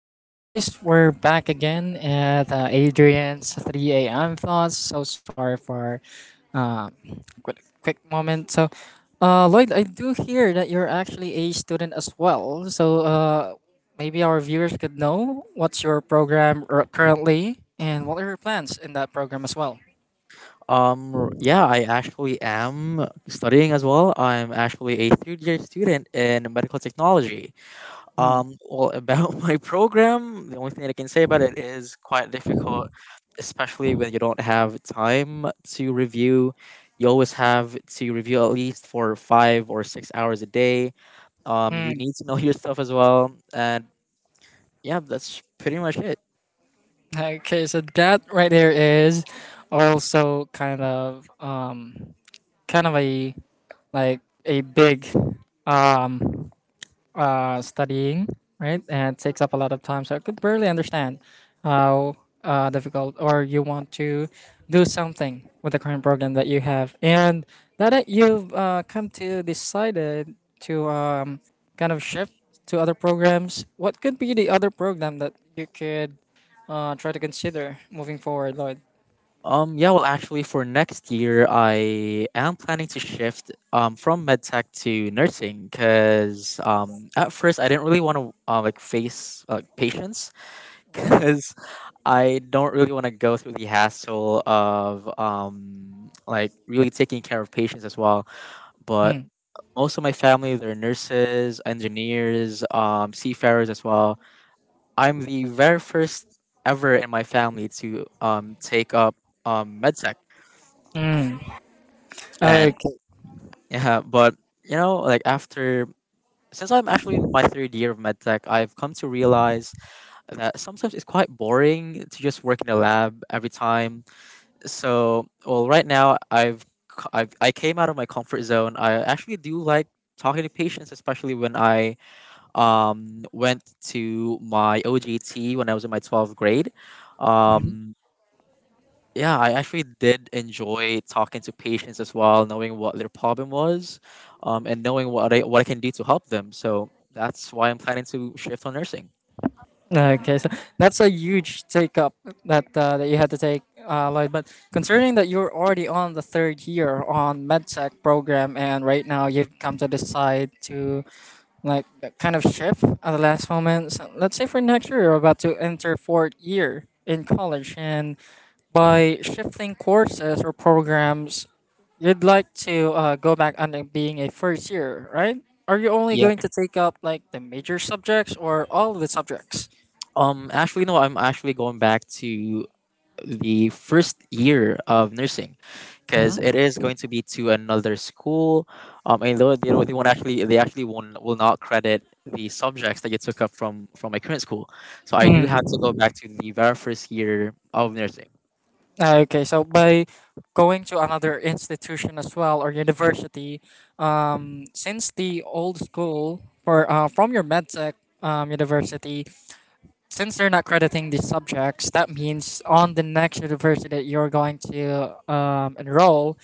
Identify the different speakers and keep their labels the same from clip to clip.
Speaker 1: so guys, we're back again at Adrian's 3 a.m. thoughts. So sorry for uh, quick moment. So, Lloyd, I do hear that you're actually a student as well. So, maybe our viewers could know what's your program currently and what are your plans in that program as well.
Speaker 2: Yeah, I actually am studying as well. I'm actually a third year student in medical technology.
Speaker 1: Oh.
Speaker 2: Well, about my program, the only thing that I can say about it is quite difficult, especially when you don't have time to review. You always have to review at least for 5 or 6 hours a day. You
Speaker 1: Mm,
Speaker 2: need to know your stuff as well. And yeah, that's pretty much it.
Speaker 1: okay, so that right there is also kind of a like a big um, studying, right? And it takes up a lot of time. So I could barely understand how difficult or you want to do something with the current program that you have. And now that you've come to decided to kind of shift to other programs, what could be the other program that you could try to consider moving forward, Lloyd?
Speaker 2: Actually, for next year, I am planning to shift from medtech to nursing because at first I didn't really want to like face patients because I don't really want to go through the hassle of like really taking care of patients as well. But
Speaker 1: Mm.
Speaker 2: most of my family, they're nurses, engineers, seafarers as well. I'm the very first ever in my family to take up medtech.
Speaker 1: Mm.
Speaker 2: And Yeah, but like after, since I'm actually in my third year of medtech, I've come to realize that sometimes it's quite boring to just work in a lab every time. So, well, right now I've, I came out of my comfort zone. I actually do like talking to patients, especially when I went to my OGT when I was in my 12th grade. Um, yeah, I actually did enjoy talking to patients as well, knowing what their problem was, and knowing what I can do to help them. So that's why I'm planning to shift on nursing.
Speaker 1: Okay, so that's a huge take up that that you had to take, Lloyd. But concerning that you're already on the third year on medtech program, and right now you've come to decide to like kind of shift at the last moment. So let's say for next year you're about to enter fourth year in college, and by shifting courses or programs, you'd like to go back under being a first year, right? Are you only
Speaker 2: Yeah.
Speaker 1: going to take up like the major subjects or all of the subjects?
Speaker 2: Actually, no, I'm actually going back to the first year of nursing because it is going to be to another school. And though they don't, they won't actually, they actually won't, will not credit the subjects that you took up from my current school. So I do have
Speaker 1: Mm.
Speaker 2: to go back to the very first year of nursing.
Speaker 1: Okay, so by going to another institution as well or university, since the old school for from your medtech university, since they're not crediting these subjects, that means on the next university that you're going to enroll,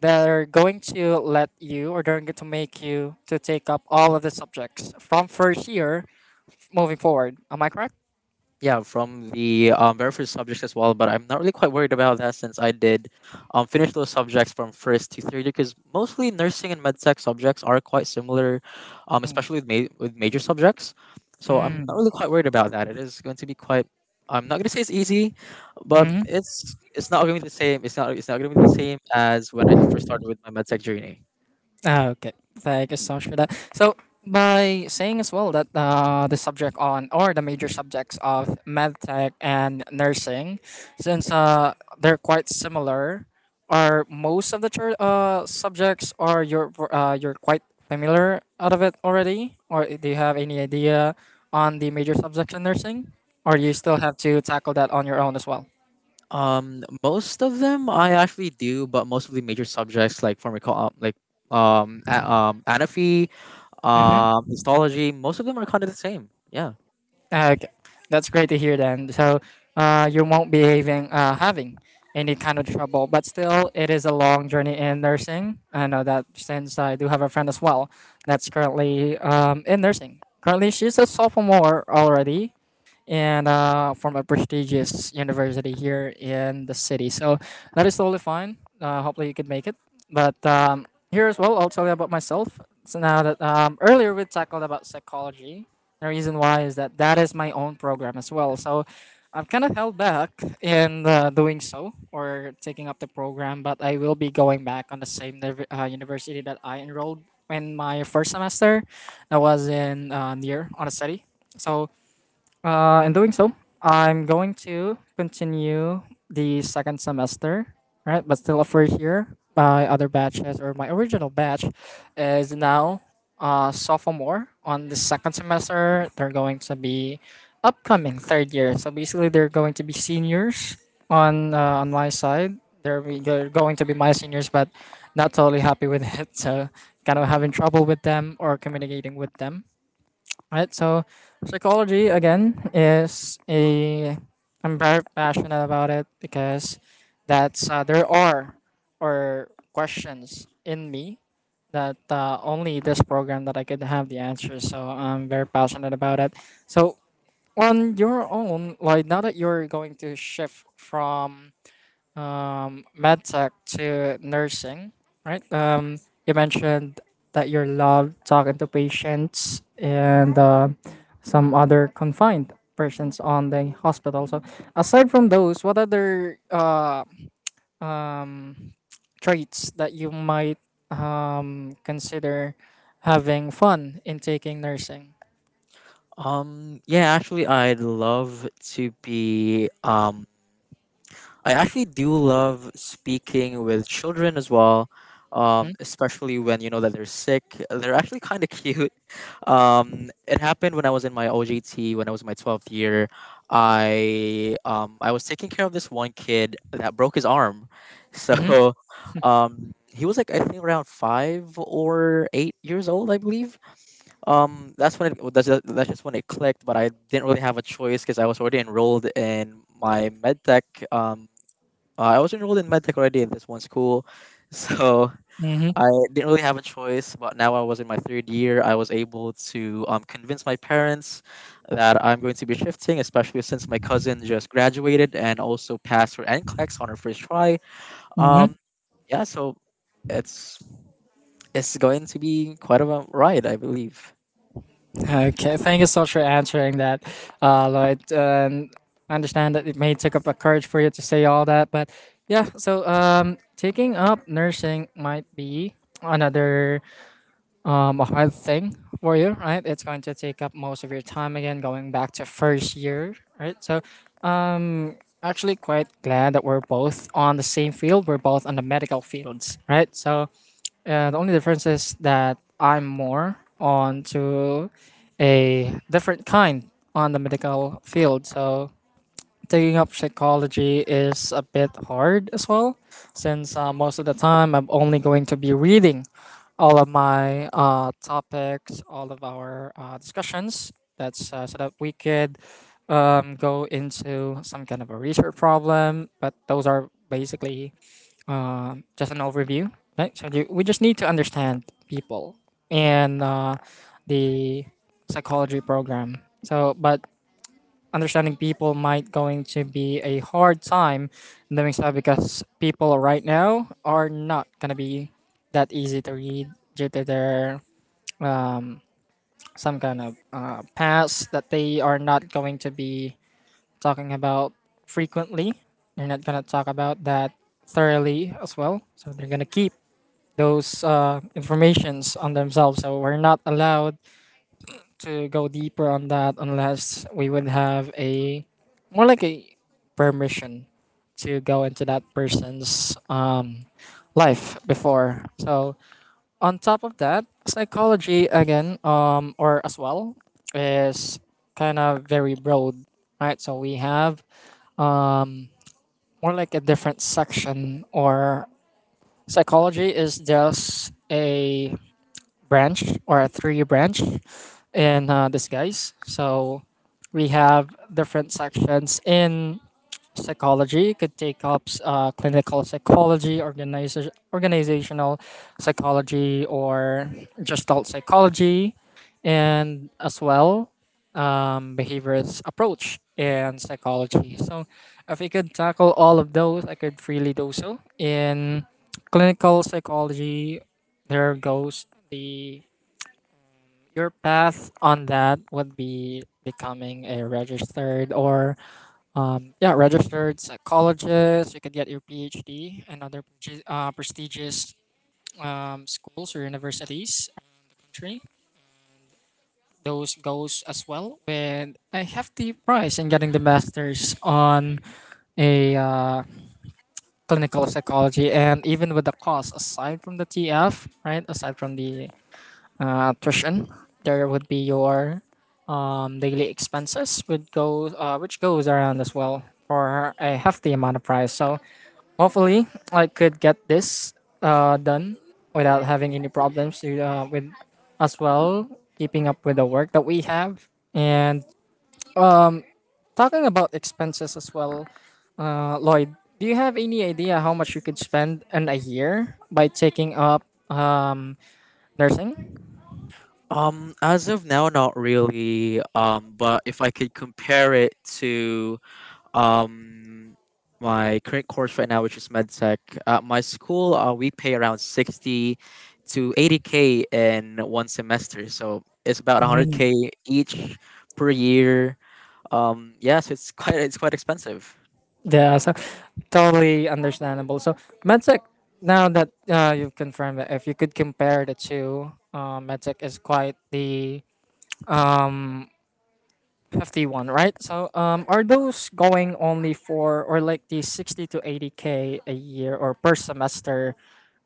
Speaker 1: they're going to let you or they're going to make you to take up all of the subjects from first year moving forward. Am I correct?
Speaker 2: Yeah, from the very first subjects as well, but I'm not really quite worried about that since I did finish those subjects from first to third year because mostly nursing and medtech subjects are quite similar, especially with, with major subjects. So I'm not
Speaker 1: Mm.
Speaker 2: really quite worried about that. It is going to be quite. I'm not going to say it's easy, but it's not going to be the same. It's not going to be the same as when I first started with my medtech journey.
Speaker 1: Ah, okay. Thank you so much for that. So, by saying as well that the subject on or the major subjects of medtech and nursing, since they're quite similar, are most of the chur subjects are you're quite familiar out of it already, or do you have any idea on the major subjects in nursing, or you still have to tackle that on your own as well?
Speaker 2: Most of them I actually do, but most of the major subjects like anatomy,
Speaker 1: Mm-hmm.
Speaker 2: Histology, most of them are kind of the same. Yeah.
Speaker 1: Okay, that's great to hear then. So you won't be having any kind of trouble, but still, it is a long journey in nursing. I know that since I do have a friend as well that's currently in nursing. Currently, she's a sophomore already, and from a prestigious university here in the city. So that is totally fine. Hopefully, you could make it. But here as well, I'll tell you about myself. So now that earlier we tackled about psychology, the reason why is that that is my own program as well. So I've kind of held back in doing so or taking up the program, but I will be going back on the same university that I enrolled in my first semester. That was in near on the city. So in doing so, I'm going to continue the second semester, right? But still offer here. My other batches or my original batch is now sophomore on the second semester. They're going to be upcoming third year. So basically, they're going to be seniors on my side. They're going to be my seniors, but not totally happy with it. So kind of having trouble with them or communicating with them. Right. So psychology again is a I'm very passionate about it because that's there are or questions in me that only this program that I could have the answer. So I'm very passionate about it. So on your own, like now that you're going to shift from medtech to nursing, right? You mentioned that you love talking to patients and some other confined persons on the hospital. So, aside from those, what other um, traits that you might consider having fun in taking nursing?
Speaker 2: Yeah, actually, I'd love to be. I actually do love speaking with children as well.
Speaker 1: Mm-hmm.
Speaker 2: Especially when you know that they're sick, they're actually kind of cute. It happened when I was in my OJT, when I was in my 12th year. I was taking care of this one kid that broke his arm, so
Speaker 1: Mm-hmm.
Speaker 2: he was like I think around 5 or 8 years old, I believe. That's when it, that's just when it clicked. But I didn't really have a choice because I was already enrolled in my medtech. Um, I was enrolled in medtech already in this one school, so
Speaker 1: Mm-hmm.
Speaker 2: I didn't really have a choice. But now I was in my third year. I was able to convince my parents that I'm going to be shifting, especially since my cousin just graduated and also passed her NCLEX on her first try.
Speaker 1: Mm-hmm.
Speaker 2: Um, yeah, so it's it's going to be quite a ride, I believe.
Speaker 1: Okay, thank you so much for answering that, Lloyd. I understand that it may take up a courage for you to say all that, but yeah. So taking up nursing might be another a hard thing for you, right? It's going to take up most of your time again, going back to first year, right? So actually, quite glad that we're both on the same field. We're both on the medical fields, right? So yeah, the only difference is that I'm more onto a different kind on the medical field. So taking up psychology is a bit hard as well, since most of the time I'm only going to be reading all of my topics, all of our discussions. That's so that we could go into some kind of a research problem. But those are basically just an overview, right? So we just need to understand people and the psychology program. So, but understanding people might going to be a hard time doing so because people right now are not gonna be that easy to read due to their um, some kind of past that they are not going to be talking about frequently. They're not gonna talk about that thoroughly as well. So they're gonna keep those informations on themselves. So we're not allowed to go deeper on that unless we would have a more like a permission to go into that person's life before. So on top of that, psychology again, or as well, is kind of very broad, right? So we have um, more like a different section, or psychology is just a branch or a three branch in disguise. So we have different sections in psychology. It could take up clinical psychology, organizational psychology, or gestalt psychology, and as well behaviorist approach in psychology. So if we could tackle all of those, I could freely do so in clinical psychology. There goes the your path on that would be becoming a registered or yeah, registered psychologist. You could get your PhD and other prestigious schools or universities around the country. Those goes as well with a hefty price in getting the masters on a clinical psychology, and even with the cost aside from the TF, right, aside from the tuition. There would be your daily expenses, would go, which goes around as well for a hefty amount of price. So hopefully, I could get this done without having any problems to, with as well keeping up with the work that we have. And talking about expenses as well, Lloyd, do you have any idea how much you could spend in a year by taking up um, nursing?
Speaker 2: As of now, not really. But if I could compare it to um my current course right now, which is medtech, at my school, we pay around 60 to 80 k in one semester. So it's about 100
Speaker 1: Mm.
Speaker 2: k each per year. Yes, it's quite expensive.
Speaker 1: Yeah, so totally understandable. So medtech, now that you've confirmed that, if you could compare the two, medtech is quite the um hefty one, right? So are those going only for or like the 60 to 80K a year or per semester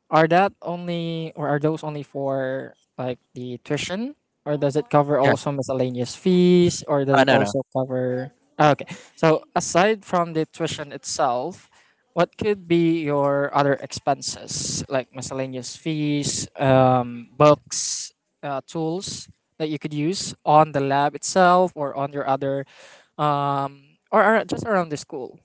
Speaker 1: are that only or are those only for like the tuition or does it cover
Speaker 2: Yeah.
Speaker 1: also miscellaneous fees or does it
Speaker 2: No, no.
Speaker 1: also cover. Ah, okay. So aside from the tuition itself, what could be your other expenses like miscellaneous fees, books, tools that you could use on the lab itself or on your other or just around the school?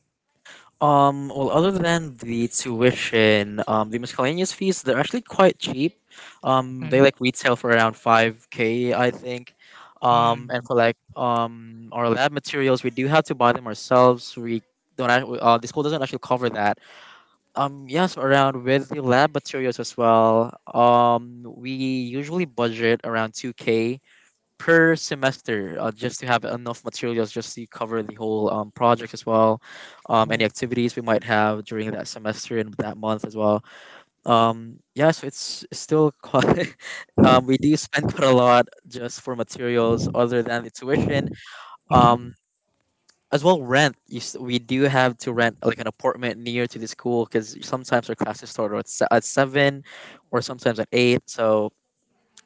Speaker 2: Well, other than the tuition, the miscellaneous fees, they're actually quite cheap. They
Speaker 1: Mhm.
Speaker 2: like retail for around 5k, I think. And
Speaker 1: Mm,
Speaker 2: for like our lab materials, we do have to buy them ourselves. We don't act- The school doesn't actually cover that. Yes, around with the lab materials as well. We usually budget around 2k per semester, just to have enough materials just to cover the whole project as well, any
Speaker 1: mm,
Speaker 2: activities we might have during that semester and that month as well. Yeah so it's still quite we do spend quite a lot just for materials other than the tuition. Um,
Speaker 1: mhm.
Speaker 2: as well rent you, s- We do have to rent like an apartment near to the school because sometimes our classes start at, at 7 or sometimes at 8. So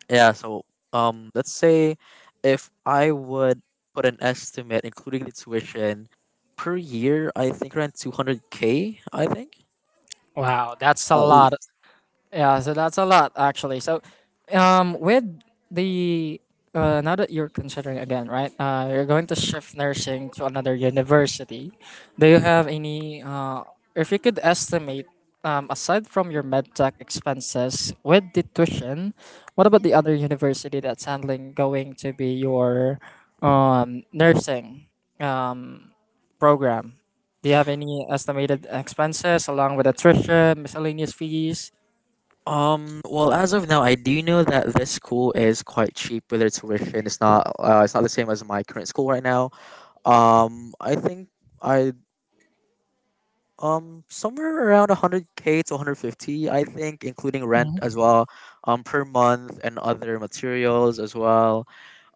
Speaker 2: yeah, so let's say if I would put an estimate, including the tuition, per year, I think around 200k, I think.
Speaker 1: Wow, that's a
Speaker 2: Uh,
Speaker 1: lot. Yeah, so that's a lot actually. So, with the now that you're considering again, right? You're going to shift nursing to another university. Do you have any? If you could estimate, aside from your medtech expenses with the tuition, what about the other university that's handling going to be your nursing um program? Do you have any estimated expenses along with attrition, miscellaneous fees?
Speaker 2: well, as of now, I do know that this school is quite cheap with their tuition. It's not the same as my current school right now. I think I Somewhere around 100k to 150, I think, including rent as well, per month and other materials as well.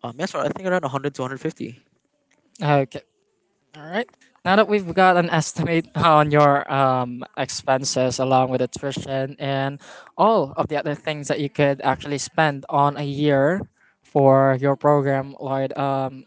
Speaker 2: Yes, sir, I think around 100 to 150.
Speaker 1: Okay. All right. Now that we've got an estimate on your expenses along with attrition and all of the other things that you could actually spend on a year for your program, Lloyd,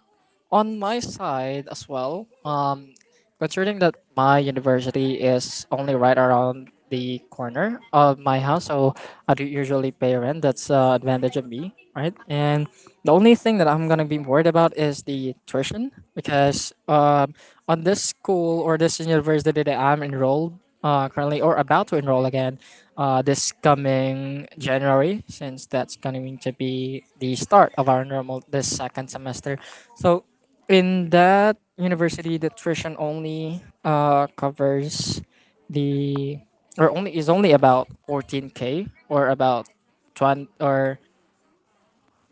Speaker 1: on my side as well, considering that my university is only right around the corner of my house, so I do usually pay rent. That's advantage of me, right? And the only thing that I'm gonna be worried about is the tuition because on this school or this university that I'm enrolled currently or about to enroll again this coming January, since that's going to be the start of our normal this second semester. So in that university the tuition only covers the or only is only about 14k or about 20, or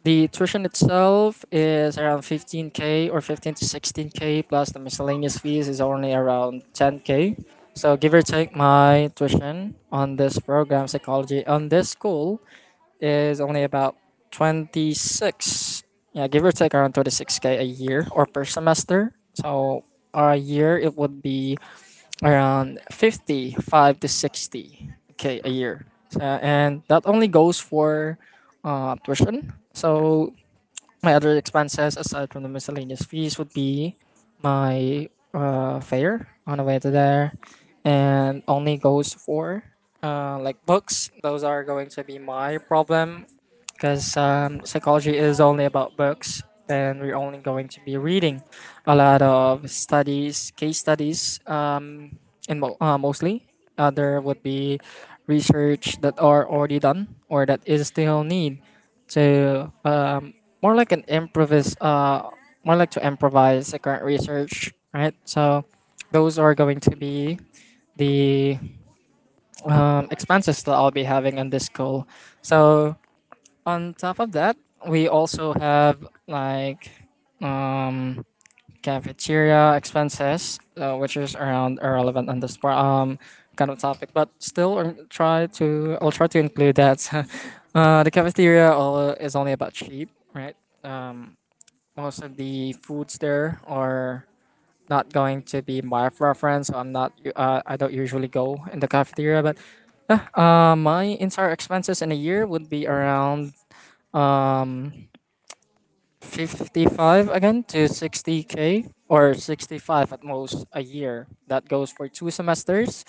Speaker 1: the tuition itself is around 15k or 15 to 16k plus the miscellaneous fees is only around 10k. So give or take, my tuition on this program psychology on this school is only about 26, yeah, give or take around 26k a year or per semester. So a year, it would be around 55 to 60k a year. So, and that only goes for tuition. So my other expenses aside from the miscellaneous fees would be my fare on the way to there, and only goes for like books. Those are going to be my problem because psychology is only about books, and we're only going to be reading a lot of studies, case studies, and mostly other would be research that are already done or that is still need to, more like an improvise, more like to improvise the current research, right? So those are going to be the expenses that I'll be having on this call. So on top of that, we also have like, um cafeteria expenses, which is around irrelevant on this kind of topic, but still I'll try to include that. The cafeteria all is only about cheap, right? um Most of the foods there are not going to be my preference. So I'm not. I don't usually go in the cafeteria, but yeah, my entire expenses in a year would be around, um 55 again to 60 k or 65 at most a year. That goes for two semesters.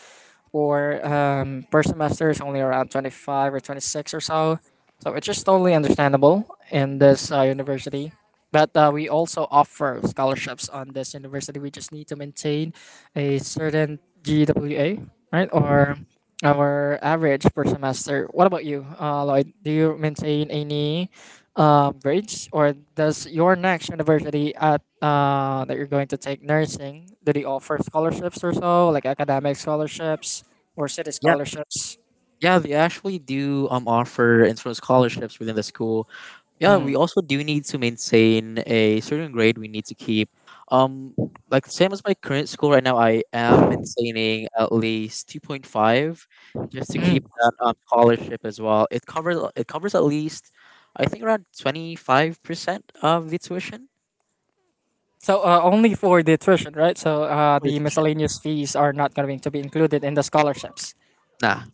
Speaker 1: For per semester is only around 25 or 26 or so. So it's just totally understandable in this university. But we also offer scholarships on this university. We just need to maintain a certain GWA, right? Or our average per semester. What about you, Lloyd? Do you maintain any grades, or does your next university at that you're going to take nursing, do they offer scholarships or so, like academic scholarships or city
Speaker 2: Yeah,
Speaker 1: scholarships?
Speaker 2: yeah, they actually do offer insurance scholarships within the school. Yeah,
Speaker 1: Mm.
Speaker 2: we also do need to maintain a certain grade we need to keep, um like same as my current school right now. I am maintaining at least 2.5 just to
Speaker 1: Mm.
Speaker 2: keep that scholarship as well. It covers at least I think around 25% of the tuition.
Speaker 1: So only for the tuition, right? So
Speaker 2: For the
Speaker 1: the
Speaker 2: tuition,
Speaker 1: miscellaneous fees are not going to be included in the scholarships.
Speaker 2: nah.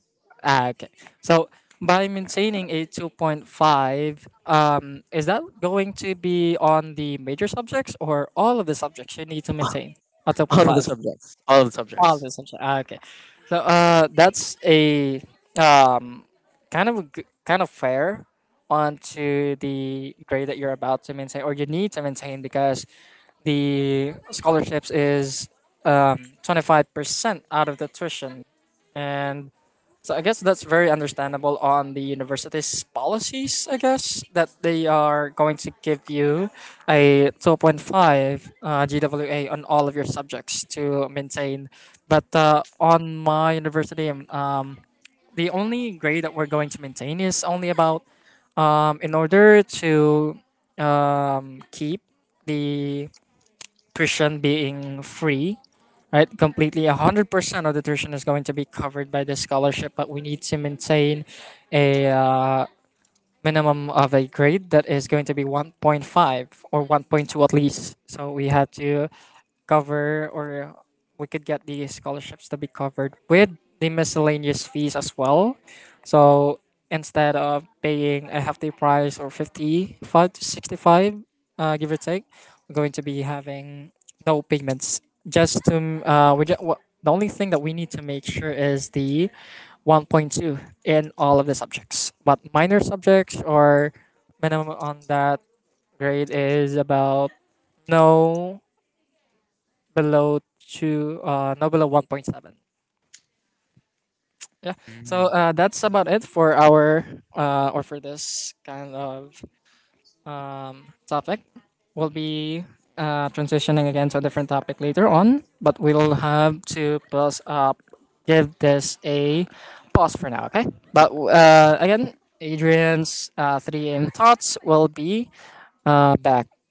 Speaker 1: Ah, okay. So by maintaining a 2.5, is that going to be on the major subjects or all of the subjects you need to maintain a
Speaker 2: all of the
Speaker 1: 2.5?
Speaker 2: subjects all of the
Speaker 1: Oh,
Speaker 2: subjects.
Speaker 1: the sunshine. Ah, okay, so that's a um, kind of a kind of fair onto the grade that you're about to maintain or you need to maintain, because the scholarships is um, 25% out of the tuition. And so I guess that's very understandable on the university's policies, I guess, that they are going to give you a 2.5 GWA on all of your subjects to maintain. But on my university, the only grade that we're going to maintain is only about, in order to keep the tuition being free, right? Completely, 100% of the tuition is going to be covered by the scholarship, but we need to maintain a minimum of a grade that is going to be 1.5 or 1.2 at least. So we had to cover, or we could get the scholarships to be covered with the miscellaneous fees as well. So instead of paying a hefty price or 55 to 65, give or take, we're going to be having no payments. Just to, we just, the only thing that we need to make sure is the 1.2 in all of the subjects. But minor subjects or minimum on that grade is about no below two, no below 1.7. Yeah. So that's about it for our or for this kind of topic. We'll be transitioning again to a different topic later on, but we'll have to pause up, give this a pause for now. Okay. But again, Adrian's three aim thoughts will be back